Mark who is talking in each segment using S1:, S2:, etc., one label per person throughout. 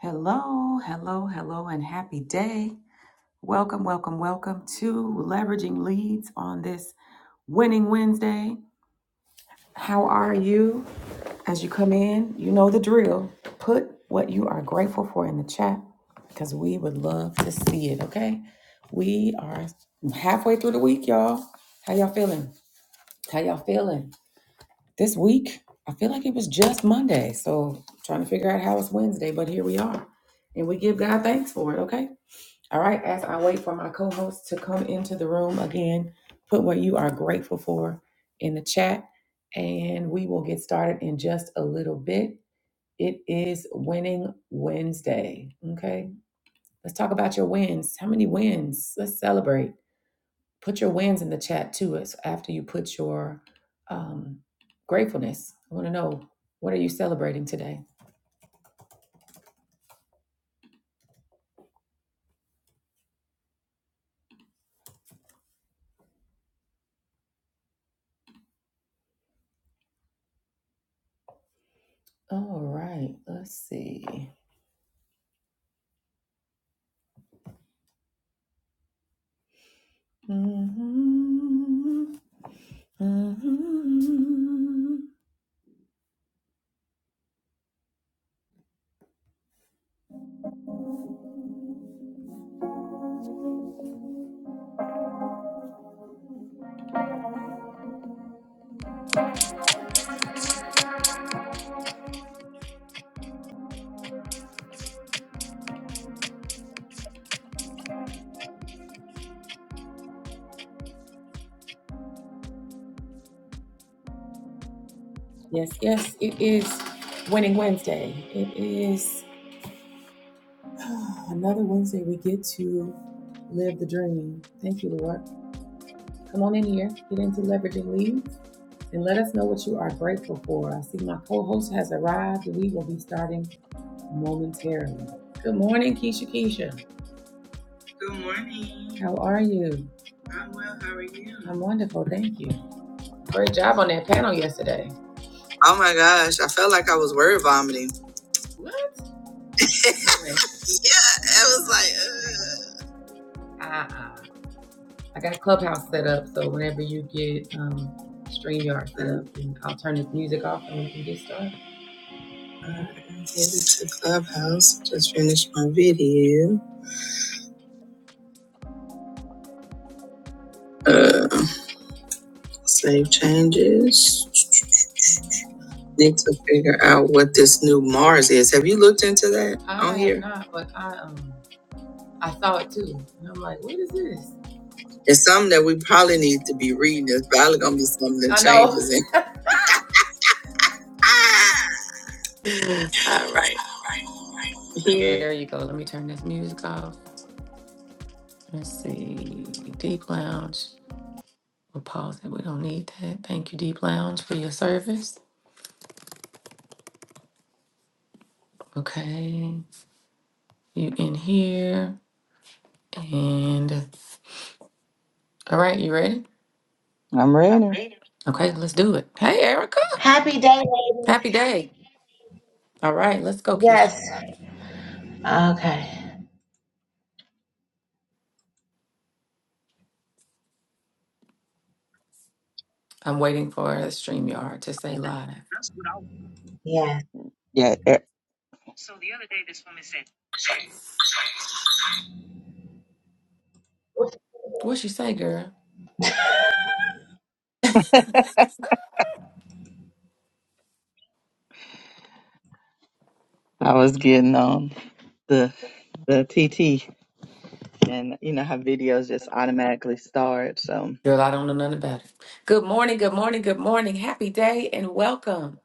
S1: Hello, hello, hello, and happy day. Welcome, welcome, welcome to Leveraging Leads on this Winning Wednesday. How are you? As you come in, you know the drill. Put what you are grateful for in the chat because we would love to see it, okay? We are halfway through the week, y'all. How y'all feeling? How y'all feeling? This week, I feel like it was just Monday, so trying to figure out how it's Wednesday, but here we are. And we give God thanks for it, okay? All right, as I wait for my co host to come into the room again, put what you are grateful for in the chat, and we will get started in just a little bit. It is Winning Wednesday. Okay, let's talk about your wins. How many wins? Let's celebrate. Put your wins in the chat to us after you put your um, gratefulness. I want to know what are you celebrating today? All right, let's see. Mhm. Mhm. Yes, yes, it is Winning Wednesday. It is ah, another Wednesday we get to live the dream. Thank you, Lord. Come on in here, get into leveraging leads, and let us know what you are grateful for. I see my co host has arrived, and we will be starting momentarily. Good morning, Keisha Keisha. Good morning. How are you? I'm well. How are you? I'm wonderful. Thank you. Great job on that panel yesterday. Oh my gosh, I felt like I was word vomiting. What? Yeah, I was like, Uh uh I got Clubhouse set up, so whenever you get um, StreamYard set up, and I'll turn this music off and we can get started. uh, I'm headed to Clubhouse. Just finished my video. Uh, save changes. Need to figure out what this new Mars is. Have you looked into that I on have here? not, but I um I saw it too, and I'm like, what is this? It's something that we probably need to be reading. It's probably gonna be something that I know. changes in. All right, here. There you go. Let me turn this music off. Let's see. Deep Lounge. We'll pause it. We don't need that. Thank you, Deep Lounge, for your service. Okay. You in here. And all right, you ready?
S2: I'm ready.
S1: Okay, let's do it. Hey, Erica.
S3: Happy day,
S1: Happy
S3: ladies.
S1: day. All right, let's go, Keisha.
S3: Yes. Okay.
S1: I'm waiting for StreamYard to say live.
S3: Yes.
S2: Yeah, e-
S1: What she say, girl?
S2: I was getting on the the TT, and you know how videos just automatically start. So
S1: Girl, I don't know nothing about it. Good morning, good morning, good morning. Happy day and welcome.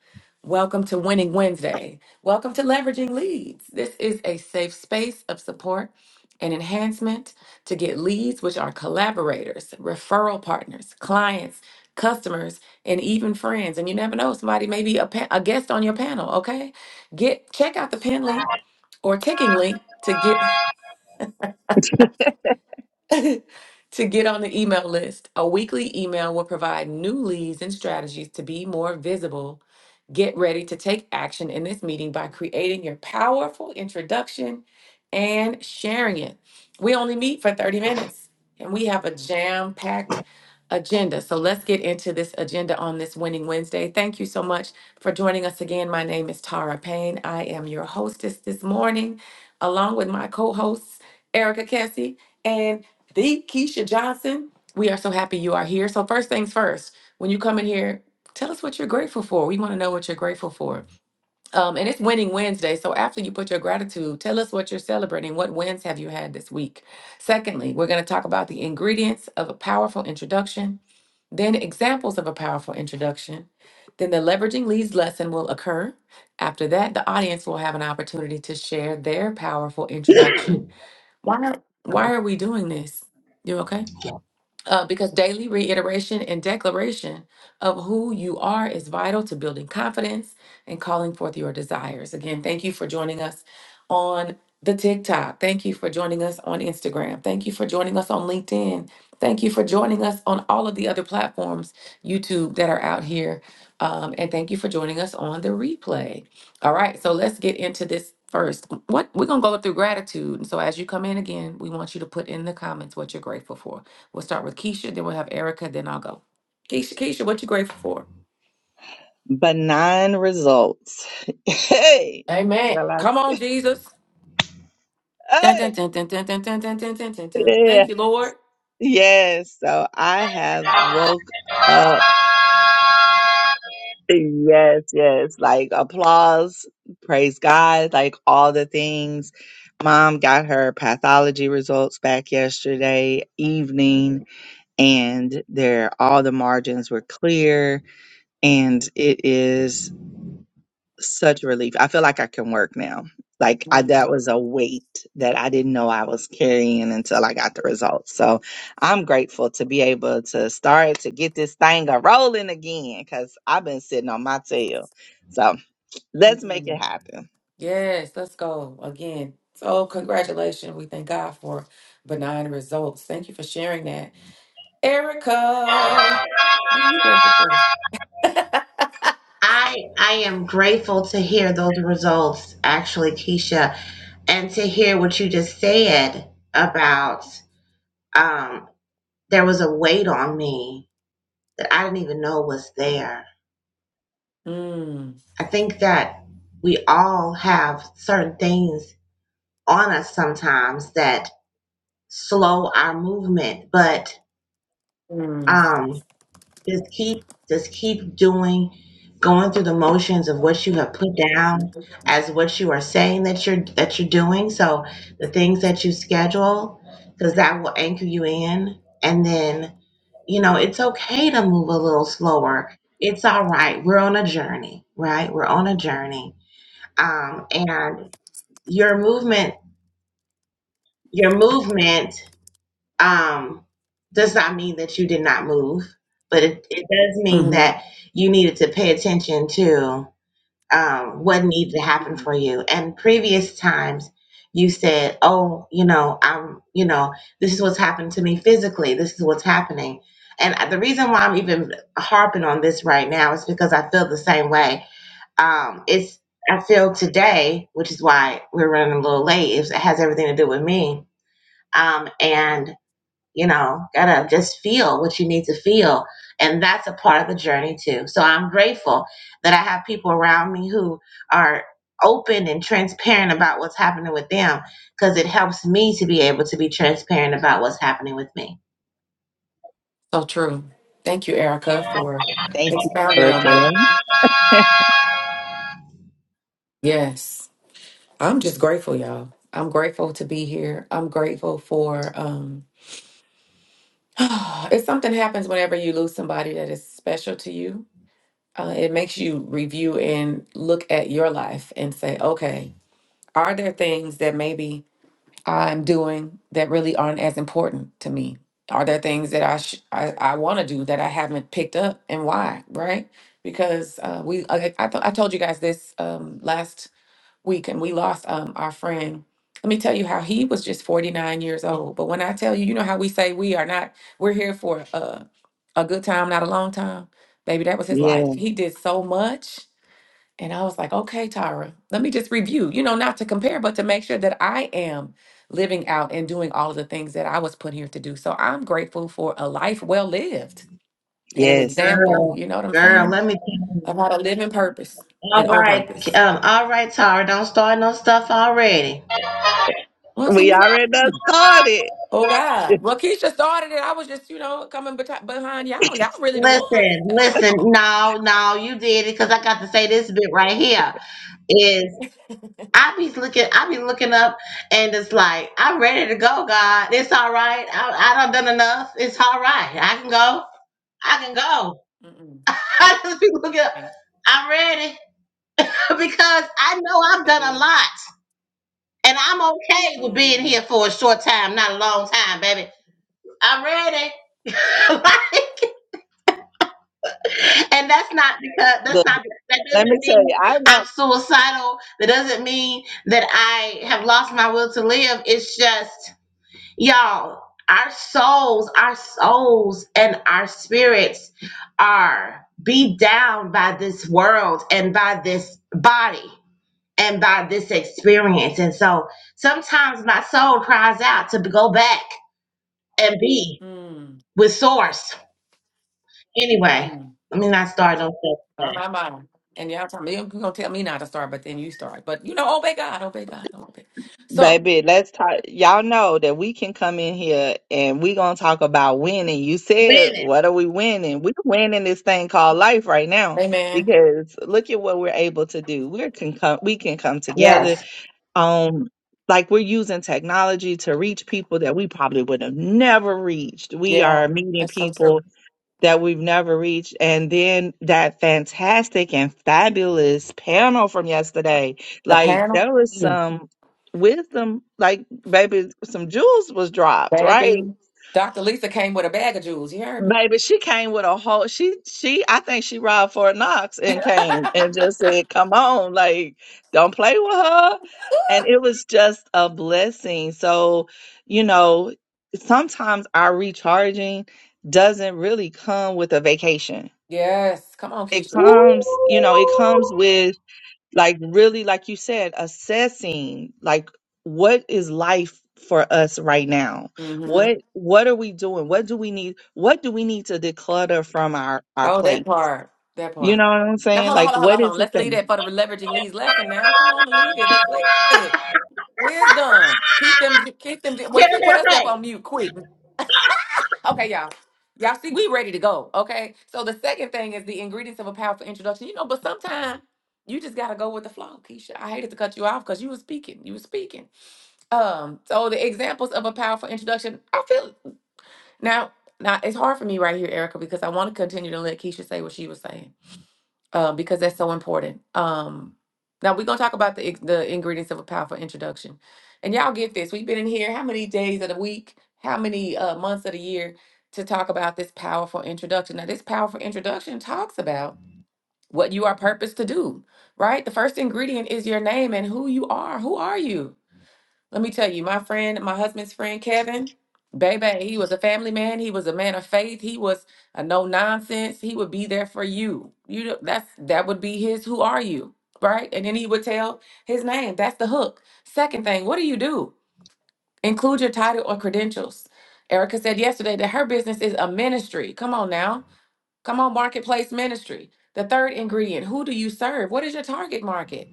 S1: Welcome to Winning Wednesday. Welcome to Leveraging Leads. This is a safe space of support and enhancement to get leads, which are collaborators, referral partners, clients, customers, and even friends. And you never know, somebody may be a, pa- a guest on your panel, okay? Get Check out the pin link or kicking link. To get to get on the email list. A weekly email will provide new leads and strategies to be more visible. Get ready to take action in this meeting by creating your powerful introduction and sharing it. We only meet for 30 minutes and we have a jam packed agenda. So let's get into this agenda on this Winning Wednesday. Thank you so much for joining us again. My name is Tara Payne. I am your hostess this morning, along with my co hosts, Erica Kessie. and the Keisha Johnson, we are so happy you are here. So, first things first, when you come in here, tell us what you're grateful for. We want to know what you're grateful for. Um, and it's Winning Wednesday. So, after you put your gratitude, tell us what you're celebrating. What wins have you had this week? Secondly, we're going to talk about the ingredients of a powerful introduction, then examples of a powerful introduction. Then the leveraging leads lesson will occur. After that, the audience will have an opportunity to share their powerful introduction. Why, why are we doing this? You okay? uh, because daily reiteration and declaration of who you are is vital to building confidence and calling forth your desires. Again, thank you for joining us on the TikTok. Thank you for joining us on Instagram. Thank you for joining us on LinkedIn. Thank you for joining us on all of the other platforms, YouTube, that are out here. Um, and thank you for joining us on the replay. All right, so let's get into this first. What we're gonna go through gratitude. And so as you come in again, we want you to put in the comments what you're grateful for. We'll start with Keisha, then we'll have Erica, then I'll go. Keisha, Keisha, what you grateful for?
S2: benign results. hey,
S1: Amen.
S2: Y'all
S1: Come
S2: like-
S1: on, Jesus. Dun, dun,
S2: hey,
S1: dun, dun, dun, dun, dun, dun, dun, dun, dun, dun.
S2: yeah,
S1: Thank you, Lord.
S2: yes. So I have woke up. Yes, yes. Like applause, praise God, like all the things. Mom got her pathology results back yesterday evening, and there all the margins were clear, and it is such relief. I feel like I can work now. Like I,
S1: Mm,
S2: that was a weight that I didn't know I was carrying until I got the results. So I'm grateful to be able to start to get this thing a rolling again because I've been sitting on my tail. So let's make it
S1: mm.
S2: happen.
S1: Yes, let's go again. So, congratulations. We thank God for benign results. Thank you for sharing that. Erica, what are you grateful for?
S3: I I am grateful to hear those results, actually, Keisha, and to hear what you just said about um there was a weight on me that I didn't even know was there.
S1: Mm,
S3: I think that we all have certain things on us sometimes that slow our movement, but
S1: mm,
S3: um Just keep just keep doing going through the motions of what you have put down as what you are saying that you're that you're doing. So the things that you schedule, because that will anchor you in. And then, you know, it's okay to move a little slower. It's all right. We're on a journey, right? We're on a journey. Um, and your movement, your movement um, does not mean that you did not move, but it, it does mean
S1: hmm
S3: that you needed to pay attention to um, what needed to happen for you. And previous times, you said, "Oh, you know, I'm, you know, this is what's happened to me physically. This is what's happening." And the reason why I'm even harping on this right now is because I feel the same way. Um, it's I feel today, which is why we're running a little late. It has everything to do with me. Um, and you know, gotta just feel what you need to feel. And that's a part of the journey too. So I'm grateful that I have people around me who are open and transparent about what's happening with them because it helps me to be able to be transparent about what's happening with me.
S1: So true. Thank you, Erica, for
S2: Thank you,
S1: expounding on them.
S2: Erica.
S1: Yes, I'm just grateful, y'all. I'm grateful to be here. I'm grateful for um, if something happens whenever you lose somebody that is special to you, uh, it makes you review and look at your life and say, okay, are there things that maybe I'm doing that really aren't as important to me? Are there things that I sh- I, I want to do that I haven't picked up, and why? Right? Because uh, we uh, I I, th- I told you guys this um, last week, and we lost um, our friend. Let me tell you how he was just 49 years old. But when I tell you, you know how we say we are not we're here for a a good time, not a long time. Baby, that was his
S2: Yeah.
S1: life. He did so much and I was like, okay, Tyra, let me just review, you know, not to compare, but to make sure that I am living out and doing all of the things that I was put here to do. So I'm grateful for a life well lived and an
S2: Yes.
S1: example,
S3: Girl,
S1: you know what I'm
S3: girl,
S1: saying?
S3: let me tell you.
S1: Of how to live in purpose and
S3: All
S1: on purpose.
S3: right, um, all right, Tara, don't start no stuff already.
S1: What you
S2: We already done
S1: mean?
S2: started.
S1: Oh God. Well, Keisha started it. I was just, you know, coming beti- behind y'all. Y'all really the ones.
S3: Listen,
S1: That's
S3: listen,
S1: y'all.
S3: no, no, you did it because I got to say this bit right here is. I be looking, I be looking up, and it's like I'm ready to go. God, it's all right. I, I done done enough. It's all right. I can go. I can go.
S1: Mm-mm.
S3: I just be looking up.
S1: Thanks,
S3: I'm ready because I know I've done a
S1: baby.
S3: lot, and I'm okay with being
S1: Mm,
S3: here for a short time, not a long time, baby. I'm ready. Like, and that's not because that's
S2: Look,
S3: not that
S2: let me
S3: doesn't
S2: tell
S3: mean
S2: you, I know.
S3: I'm suicidal. That doesn't mean that I have lost my will to live. It's just Y'all, our souls, our souls and our spirits are beat down by this world and by this body and by this experience. And so sometimes my soul cries out to go back and be
S1: mm,
S3: with source. Anyway,
S1: mm.
S3: let me not start on stuff
S1: I'm not mine. And y'all tell me you're gonna tell me not to start, but then you start. But you know, obey God, obey God, obey. So,
S2: Baby, let's talk. Y'all know that we can come in here and we gonna talk about winning. You
S3: today.
S2: said,
S3: Minute.
S2: what are we winning? We're winning this thing called life right now
S1: Amen.
S2: because look at what we're able to do. We can come, we can come together.
S3: Yes.
S2: Um, like we're using technology to reach people that we probably would have never reached. We
S1: Yeah,
S2: are meeting
S1: that's so
S2: people
S1: true.
S2: that we've never reached. And then that fantastic and fabulous panel from yesterday.
S1: The
S2: Like
S1: panel,
S2: there was
S1: Mm.
S2: some wisdom, like baby, some jewels was dropped, right?
S1: baby. Dr. Lisa came with a bag of jewels. You heard me?
S2: Baby, she came with a whole she she I think she robbed Fort Knox and came and just said, Come on, like, don't play with her. And it was just a blessing. So, you know, sometimes our recharging doesn't really come with a vacation
S1: yes. Come on,
S2: it
S1: Keisha.
S3: Ooh.
S2: comes you know it comes with like really like you said assessing like what is life for us right now
S1: Mm-hmm.
S2: what what are we doing what do we need what do we need to declutter from our our
S1: Oh, that
S2: plate
S1: part. That
S2: you
S1: part.
S2: know what i'm
S1: Now
S2: saying
S1: hold on,
S2: like
S1: hold on, hold on,
S2: what
S1: hold on.
S2: is it
S1: Let's
S2: that
S1: leave that for the leveraging leads lesson. Now, come on and leave it. Let's leave it. Wisdom. Keep them. Keep them. Well,
S3: Hear,
S1: she put
S3: hear, hey.
S1: herself on mute quick. Okay, y'all. Y'all see, we ready to go. Okay. So the second thing is the ingredients of a powerful introduction. You know, but sometimes you just gotta go with the flow, Keisha. I hated to cut you off because you were speaking. You were speaking. Um, so the examples of a powerful introduction, I feel now now it's hard for me right here, Erica, because I want to continue to let Keisha say what she was saying uh, because that's so important. Um, now we're gonna talk about the ex- the ingredients of a powerful introduction, and y'all get this. We've been in here how many days of the week, how many uh, months of the year to talk about this powerful introduction. Now, this powerful introduction talks about what you are purposed to do. Right, the first ingredient is your name and who you are. Who are you? Let me tell you, my friend, my husband's friend, Kevin, baby, he was a family man. He was a man of faith. He was a no nonsense. He would be there for you. You know, that's that would be his. Who are you, right? And then he would tell his name. That's the hook. Second thing, what do you do? Include your title or credentials. Erica said yesterday that her business is a ministry. Come on now, come on, marketplace ministry. The third ingredient, who do you serve? What is your target market?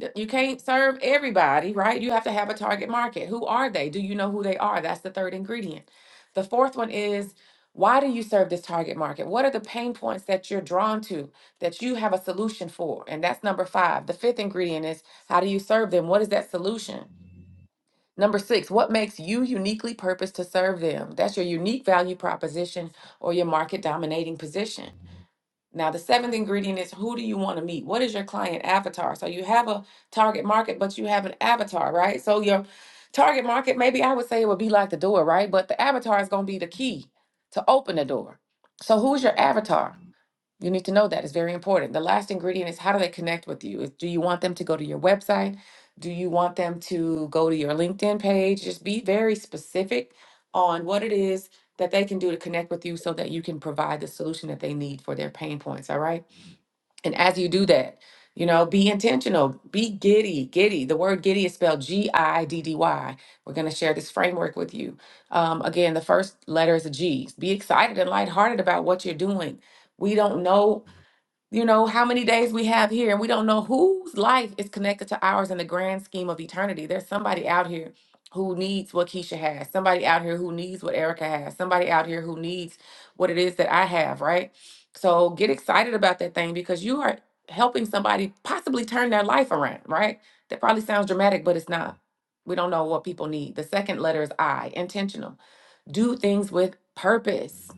S1: Th- You can't serve everybody, right? You have to have a target market. Who are they? Do you know who they are? That's the third ingredient. The fourth one is why do you serve this target market? What are the pain points that you're drawn to that you have a solution for? And that's number five. The fifth ingredient is how do you serve them? What is that solution? Number six, what makes you uniquely purposed to serve them? That's your unique value proposition or your market dominating position. Now, the seventh ingredient is who do you want to meet? What is your client avatar? So you have a target market, but you have an avatar, right? So your target market, maybe I would say it would be like the door, right? But the avatar is going to be the key to open the door. So who's your avatar? You need to know that. It's very important. The last ingredient is how do they connect with you? Is- Do you want them to go to your website? Do you want them to go to your LinkedIn page? Just be very specific on what it is that they can do to connect with you so that you can provide the solution that they need for their pain points. All right. And as you do that, you know, be intentional, be giddy, giddy. The word giddy is spelled G I D D Y. We're going to share this framework with you. Um, again, the first letter is a G. Be excited and lighthearted about what you're doing. We don't know you know how many days we have here and we don't know whose life is connected to ours in the grand scheme of eternity there's somebody out here who needs what keisha has somebody out here who needs what erica has somebody out here who needs what it is that i have right so get excited about that thing because you are helping somebody possibly turn their life around right that probably sounds dramatic but it's not we don't know what people need the second letter is i intentional do things with purpose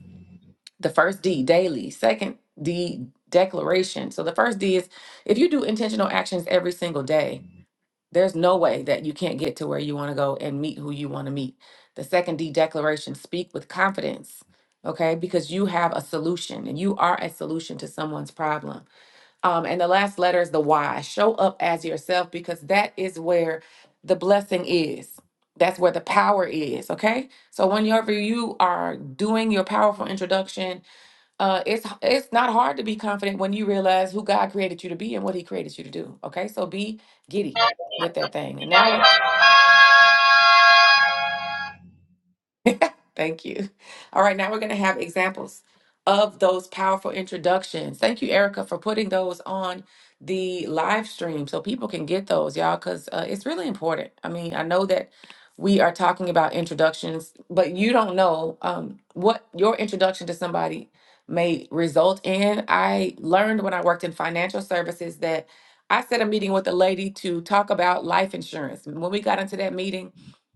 S1: the first D, daily. Second D, declaration. So the first D is if you do intentional actions every single day, there's no way that you can't get to where you want to go and meet who you want to meet. The second D, declaration, speak with confidence. Okay, because you have a solution and you are a solution to someone's problem. Um, and the last letter is the Y. Show up as yourself because that is where the blessing is. That's where the power is. Okay. So whenever you are doing your powerful introduction, uh, it's it's not hard to be confident when you realize who God created you to be and what He created you to do. Okay, so be giddy with that thing. And now, we're- Thank you. All right, now we're going to have examples of those powerful introductions. Thank you, Erica, for putting those on the live stream so people can get those, y'all, because uh, it's really important. I mean, I know that we are talking about introductions, but you don't know um, what your introduction to somebody may result in. I learned when I worked in financial services that I set a meeting with a lady to talk about life insurance. When we got into that meeting,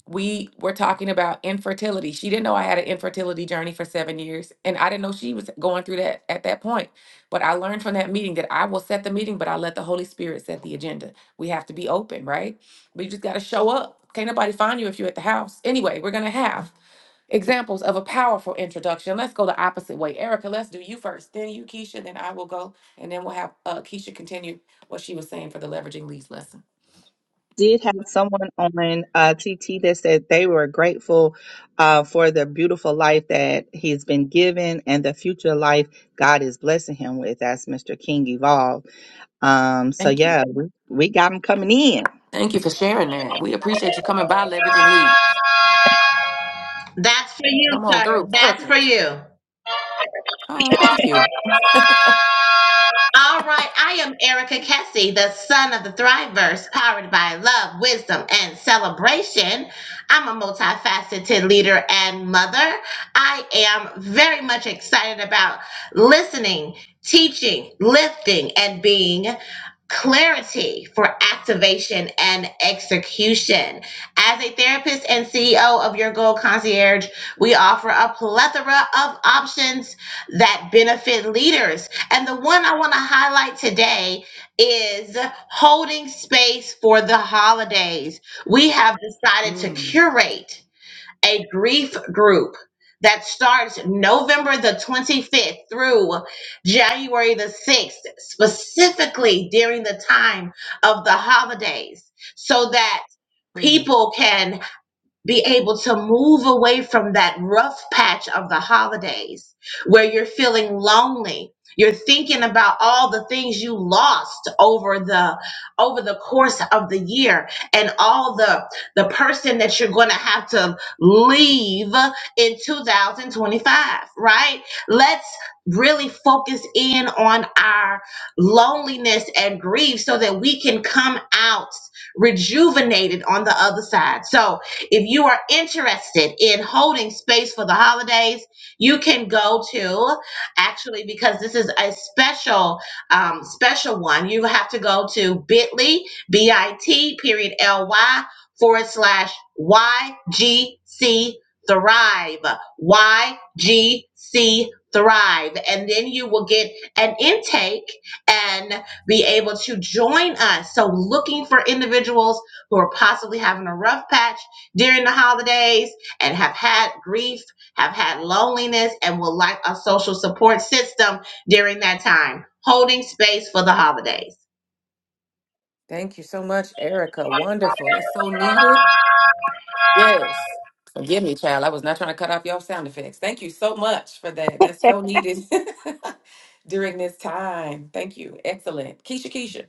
S1: we were talking about infertility. She didn't know I had an infertility journey for seven years, and I didn't know she was going through that at that point. But I learned from that meeting that I will set the meeting, but I let the Holy Spirit set the agenda. We have to be open, right? We just got to show up. Can't nobody find you if you're at the house. Anyway, we're going to have examples of a powerful introduction. Let's go the opposite way. Erica, let's do you first, then you, Keisha, then I will go, and then we'll have uh, Keisha continue what she was saying for the leveraging leads lesson.
S2: did have someone on uh, TT that said they were grateful uh, for the beautiful life that he's been given and the future life God is blessing him with. That's Mr. King Evolve Um, so
S1: Thank you.
S2: yeah, we, we got them coming in.
S1: Thank you for sharing that. We appreciate you coming by, leveraging leads.
S3: That's for you,
S1: Come on
S3: sir.
S1: through,
S3: That's
S1: Erica.
S3: for you.
S1: Oh, thank you.
S3: All right, I am Erica Kessie, the son of the Thriveverse, powered by love, wisdom, and celebration. I'm a multifaceted leader and mother. I am very much excited about listening, teaching, lifting, and being clarity for activation and execution. As a therapist and CEO of Your Goal Concierge, we offer a plethora of options that benefit leaders and the one I want to highlight today is holding space for the holidays. We have decided to
S1: Mm,
S3: curate a grief group that starts November the 25th through January the 6th, specifically during the time of the holidays, so that
S1: mm.
S3: people can be able to move away from that rough patch of the holidays where you're feeling lonely you're thinking about all the things you lost over the over the course of the year and all the the person that you're going to have to leave in 2025 right let's really focus in on our loneliness and grief so that we can come out rejuvenated on the other side so if you are interested in holding space for the holidays, you can go to actually because this is a special um, special one. You have to go to Bitly B I T period L Y forward slash Y G C Thrive Y G C Thrive, and then you will get an intake and be able to join us. So, looking for individuals who are possibly having a rough patch during the holidays and have had grief, have had loneliness, and will lack a social support system during that time. Holding space for the holidays.
S1: Thank you so much, Erica. Wonderful. That's so needed. Yes. Forgive me, child. I was not trying to cut off your sound effects. Thank you so much for that. That's so needed during this time. Thank you. Excellent. Keisha, Keisha.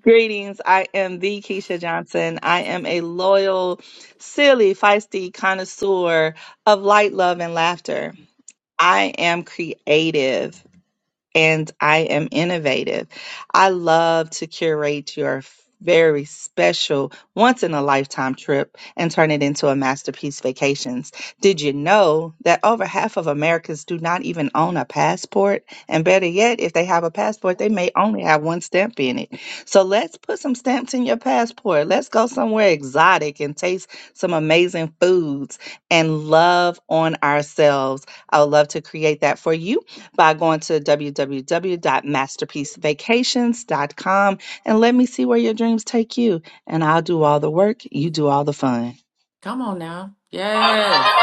S2: Greetings. I am the Keisha Johnson. I am a loyal, silly, feisty connoisseur of light, love, and laughter. I am creative. and I am innovative. I love to curate your very special once in a lifetime trip and turn it into a masterpiece vacations. Did you know that over half of Americans do not even own a passport? And better yet, if they have a passport, they may only have one stamp in it. So let's put some stamps in your passport. Let's go somewhere exotic and taste some amazing foods and love on ourselves. I would love to create that for you by going to www.masterpiecevacations.com and let me see where your dreams take you. And I'll do all the work, you do all the fun.
S1: Come on now. Yes.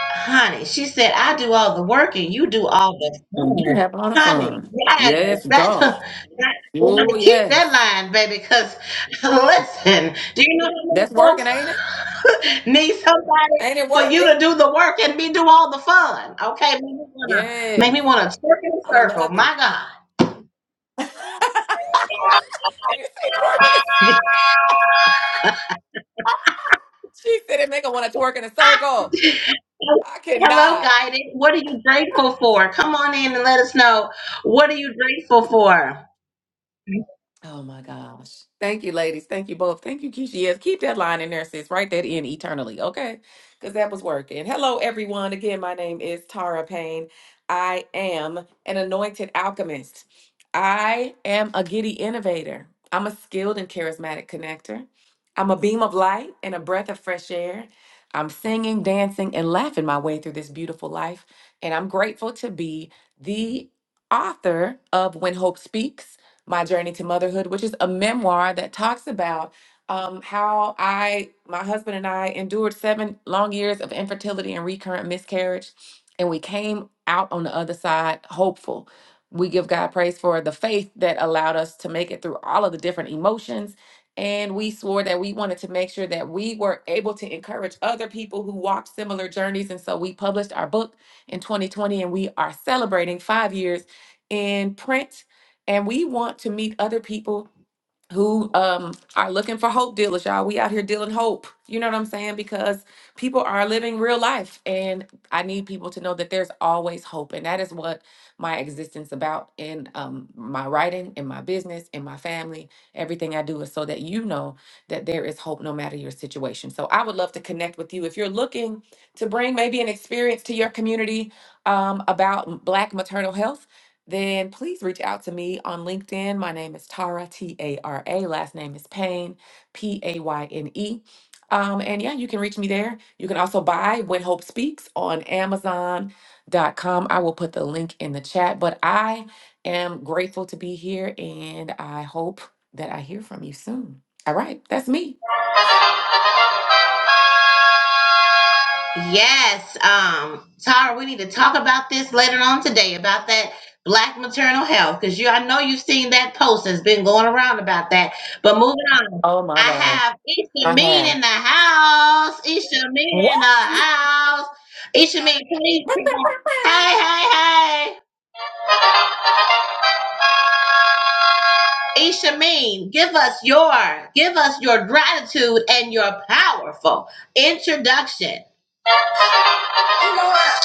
S3: Honey, she said, I do all the work and you do all the
S1: You
S3: fun.
S1: have a lot of
S3: Honey,
S1: fun.
S3: yes,
S1: Yes,
S3: that,
S1: God.
S3: that we're
S1: Oh,
S3: gonna keep that
S1: yes.
S3: line, baby, because listen, do you know
S1: That's
S3: how
S1: working, ain't
S3: many
S1: it?
S3: folks need somebody
S1: Ain't it
S3: for you
S1: working?
S3: to do the work and me do all the fun. Okay, make me wanna make me
S1: Yes.
S3: wanna circle,
S1: I
S3: circle.
S1: love it.
S3: My God.
S1: Did You say it's working. She said it make her want to twerk in a circle. I
S3: Hello,
S1: cannot.
S3: Guided. What are you grateful for? Come on in and let us know. What are you grateful for?
S1: Oh my gosh. Thank you, ladies. Thank you both. Thank you, Keisha. Yes, keep that line in there, sis. Write that in eternally, okay? Because that was working. Hello, everyone. Again, my name is Tara Payne. I am an anointed alchemist. I am a giddy innovator. I'm a skilled and charismatic connector. I'm a beam of light and a breath of fresh air. I'm singing, dancing, and laughing my way through this beautiful life. And I'm grateful to be the author of When Hope Speaks my Journey to Motherhood, which is a memoir that talks about um, how I, my husband and I endured seven long years of infertility and recurrent miscarriage. And we came out on the other side hopeful. We give God praise for the faith that allowed us to make it through all of the different emotions. And we swore that we wanted to make sure that we were able to encourage other people who walked similar journeys. And so we published our book in 2020, and we are celebrating five years in print and we want to meet other people who um are looking for hope dealers y'all we out here dealing hope you know what i'm saying because people are living real life and i need people to know that there's always hope and that is what my existence about in um my writing in my business in my family everything i do is so that you know that there is hope no matter your situation so i would love to connect with you if you're looking to bring maybe an experience to your community um, about black maternal health then please reach out to me on LinkedIn. My name is Tara, T A R A. Last name is Payne, P A Y N E. Um, and yeah, you can reach me there. You can also buy When Hope Speaks on Amazon.com. I will put the link in the chat. But I am grateful to be here and I hope that I hear from you soon. All right, that's me.
S3: Yes, um, Tara, we need to
S1: Mhm.
S3: talk about this later on today about that black maternal health because you I know you've seen that post that's been going around about that. But moving on,
S1: Oh
S3: I
S1: my God.
S3: have Isha
S1: I
S3: Mean
S1: have.
S3: in the house. Isha Mean
S1: What?
S3: in the house. Isha Mean, please come on. Hey, hey, hey. Ishameen, give us your give us your gratitude and your powerful introduction. You know what?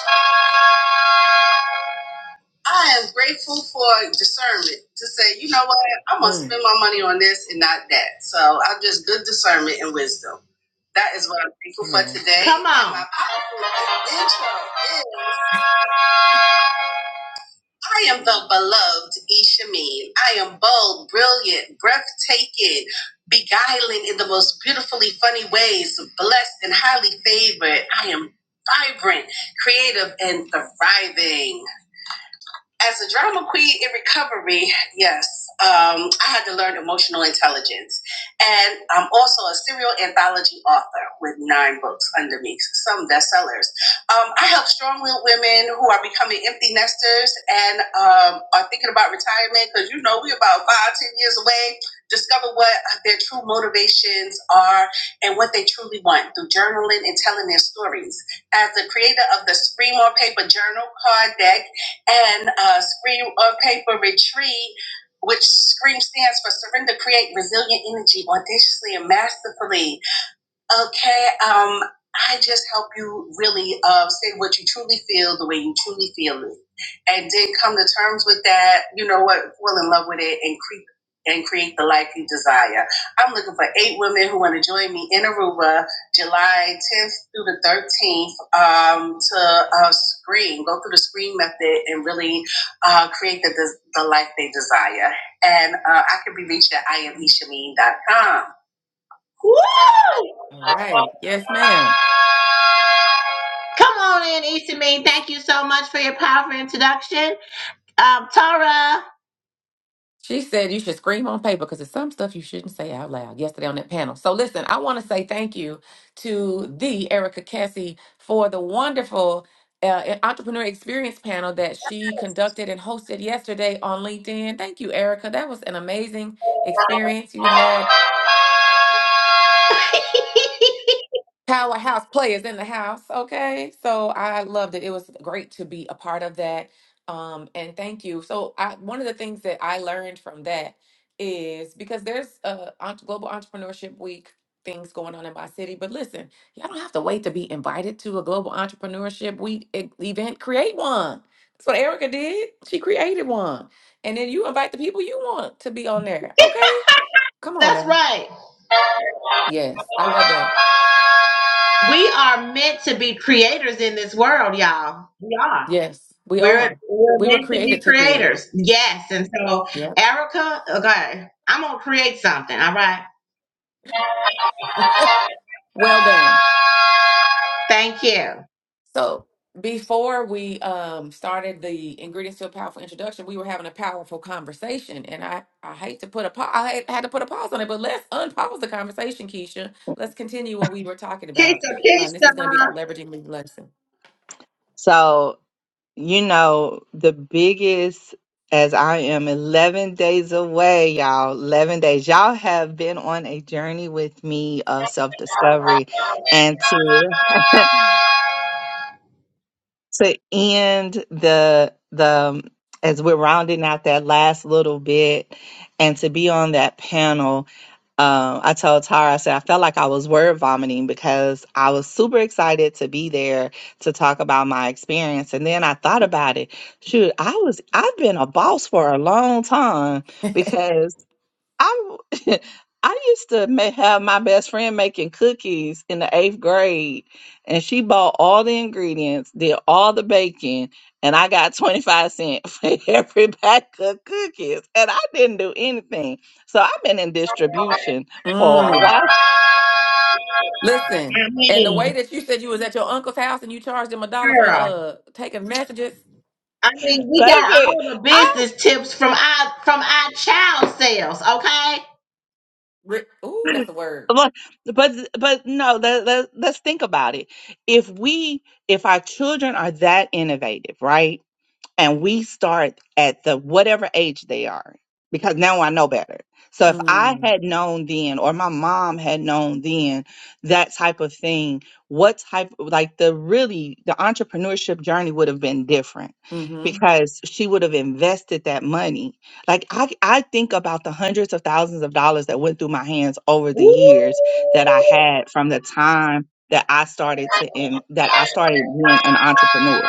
S3: I am grateful for discernment to say, you know what, I'm gonna
S1: Mm.
S3: spend my money on this and not that. So I'm just good discernment and wisdom. That is what I'm grateful for
S1: Amen.
S3: today. Come on. And My powerful intro is I am the beloved Ishameen. I am bold, brilliant, breathtaking, beguiling in the most beautifully funny ways, blessed and highly favored. I am vibrant, creative, and thriving as a drama queen in recovery, yes, um, I had to learn emotional intelligence. And I'm also a serial anthology author with nine books under me, some bestsellers. Um, I help strong willed women who are becoming empty nesters and um, are thinking about retirement because, you know, we're about five, ten years away. Discover what their true motivations are and what they truly want through journaling and telling their stories. As the creator of the Scream on Paper journal card deck, and uh, Scream on Paper Retreat, which Scream stands for Surrender, Create Resilient Energy Audaciously and Masterfully. Okay, um, I just help you really uh, say what you truly feel the way you truly feel it, and then come to terms with that. You know what? Fall in love with it and creep and create the life you desire. I'm looking for eight women who want to join me in Aruba, July 10th through the 13th, um, to uh, screen, go through the screen method, and really uh, create the, the life they desire. And uh, I can be reached at iamishameen.com. Woo!
S1: All right. Yes, ma'am.
S3: Come on in, Issa Mean. Thank you so much for your powerful introduction. Um, Tara,
S1: She said you should scream on paper because there's some stuff you shouldn't say out loud yesterday on that panel. So, listen, I want to say thank you to the Erica Cassie for the wonderful uh, e, entrepreneur experience panel that she conducted and hosted yesterday on LinkedIn. Thank you, Erica. That was an amazing experience you had. powerhouse players in the house. Okay. So I loved it. It was great to be a part of that. Um, and thank you. So I, one of the things that I learned from that is because there's a ent- global entrepreneurship week things going on in my city, but listen, y'all don't have to wait to be invited to a global entrepreneurship week e- event. Create one. That's what Erica did. She created one. And then you invite the people you want to be on there. Okay. Come on
S3: that's
S1: now.
S3: right.
S1: Yes. I love that.
S3: We are meant to be creators in this world, y'all. We are.
S1: Yes, we
S3: We're,
S1: are.
S3: we're
S1: We were
S3: meant to be
S1: created to create.
S3: creators. Yes. And so,
S1: Yeah.
S3: Erica, okay, I'm going to create something. All right.
S1: Well done.
S3: Thank you.
S1: So before we um started the ingredients to a powerful introduction, we were having a powerful conversation, and I I hate to put a pause. I had had to put a pause on it, but let's unpause the conversation, Keisha. Let's continue what we were talking about. Uh, this
S3: Keisha,
S1: is going to be our
S3: Keisha.
S1: leveraging lead lesson.
S2: So, you know, the biggest, as I am 11 days away, y'all, 11 days, y'all have been on a journey with me of self discovery and to. to end the the as we're rounding out that last little bit and to be on that panel Um, I told Tara, I said, I felt like I was word vomiting because I was super excited to be there to talk about my experience. And then I thought about it. Shoot, I was, I've been a boss for a long time because I w- I used to ma- have my best friend making cookies in the eighth grade, and she bought all the ingredients, did all the baking, and I got 25 cents for every pack of cookies, and I didn't do anything. So I've been in
S3: I
S2: distribution for a
S1: Mm.
S2: while,
S1: Listen, and the way
S3: mean,
S1: that you said you was at your uncle's house and you charged him a dollar for
S3: girl.
S1: uh taking messages.
S3: I mean, we got
S2: baby.
S3: all the
S2: I
S3: business tips from our from our child sales, okay?
S1: Re- Ooh, that's a word.
S2: but but but no let, let, let's think about it if we if our children are that innovative right and we start at the whatever age they are because now I know better. So if I
S1: Mm.
S2: had known then or my mom had known then that type of thing, what type like the really the entrepreneurship journey would have been different
S1: Mm-hmm.
S2: because she would have invested that money. Like I I think about the hundreds of thousands of dollars that went through my hands over the
S3: Woo!
S2: years that I had from the time that I started to in, that I started being an entrepreneur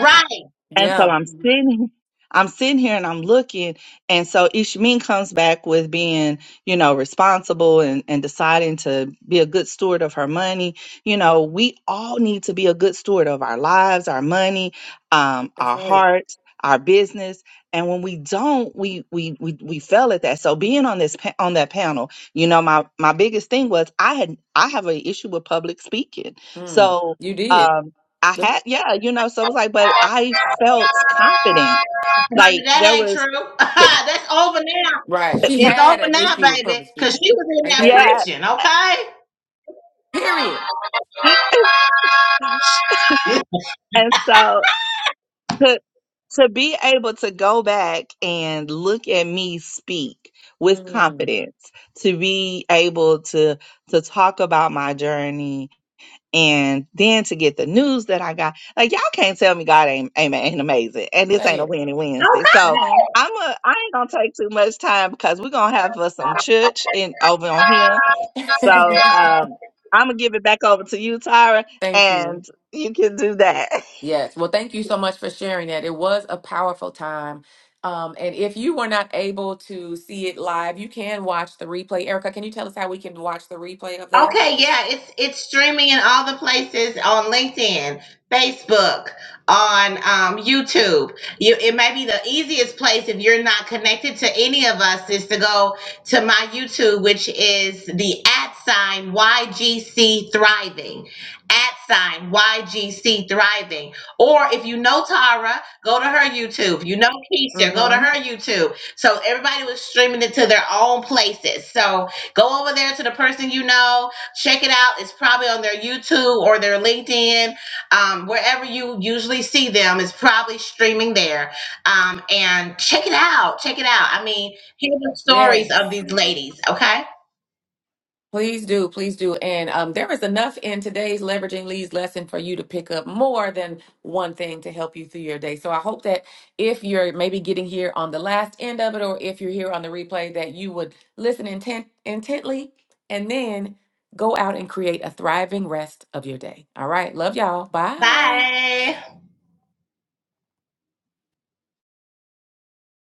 S3: Right.
S2: and so
S1: Yeah.
S2: I'm sitting, I'm sitting here and I'm looking. And so Ishmin comes back with being, you know, responsible and, and deciding to be a good steward of her money. You know, we all need to be a good steward of our lives, our money, um,
S1: That's
S2: our
S1: right.
S2: hearts, our business. And when we don't, we we we we fail at that. So being on this pa- on that panel, you know, my my biggest thing was I had I have an issue with public speaking.
S1: Mm.
S2: So
S1: You did.
S2: um I
S1: Look.
S2: had, yeah, you know, so it was like, but I felt confident.
S3: Honey,
S2: Like
S3: that
S2: there
S3: ain't true.
S2: was, the,
S3: That's over now.
S1: Right. She
S3: It's
S1: had
S3: over
S1: an
S3: now,
S1: issue with
S3: baby.
S1: public
S3: Cause
S1: speaking.
S3: she was in
S1: Ain't
S3: there
S1: that it?
S2: yeah.
S3: preaching, okay?
S1: Period.
S2: and so to, to be able to go back and look at me speak with
S1: Mm,
S2: confidence, to be able to, to talk about my journey and then to get the news that I got, like y'all can't tell me God ain't ain't, ain't amazing, and this ain't
S1: say
S2: a
S1: it.
S2: winning Wednesday.
S1: Come
S2: So
S1: on.
S2: I'm a I ain't gonna take too much time because we're gonna have us some church in over on him. So um, I'm gonna give it back over to you, Tyra,
S1: Thank you.
S2: and you can do that.
S1: Yes. Well, thank you so much for sharing that. It was a powerful time. Um, and if you were not able to see it live, you can watch the replay. Erica, can you tell us how we can watch the replay of that?
S3: Okay, yeah, it's it's streaming in all the places on LinkedIn, Facebook, on um, YouTube. You, it may be the easiest place if you're not connected to any of us is to go to my YouTube, which is the at sign YGC Thriving, at sign YGC Thriving. Or if you know Tara, go to her YouTube. If you know Keisha, go to
S1: hmm
S3: her YouTube. So everybody was streaming it to their own places. So Go over there to the person you know, check it out. It's probably on their YouTube or their LinkedIn, um, wherever you usually see them. It's probably streaming there. Um, and check it out. Check it out. I mean, hear the stories of
S1: Yes.
S3: these ladies. Okay.
S1: Please do, please do. And um, there is enough in today's leveraging leads lesson for you to pick up more than one thing to help you through your day. So I hope that if you're maybe getting here on the last end of it, or if you're here on the replay, that you would listen intent intently and then go out and create a thriving rest of your day. All right. Love y'all. Bye.
S3: Bye.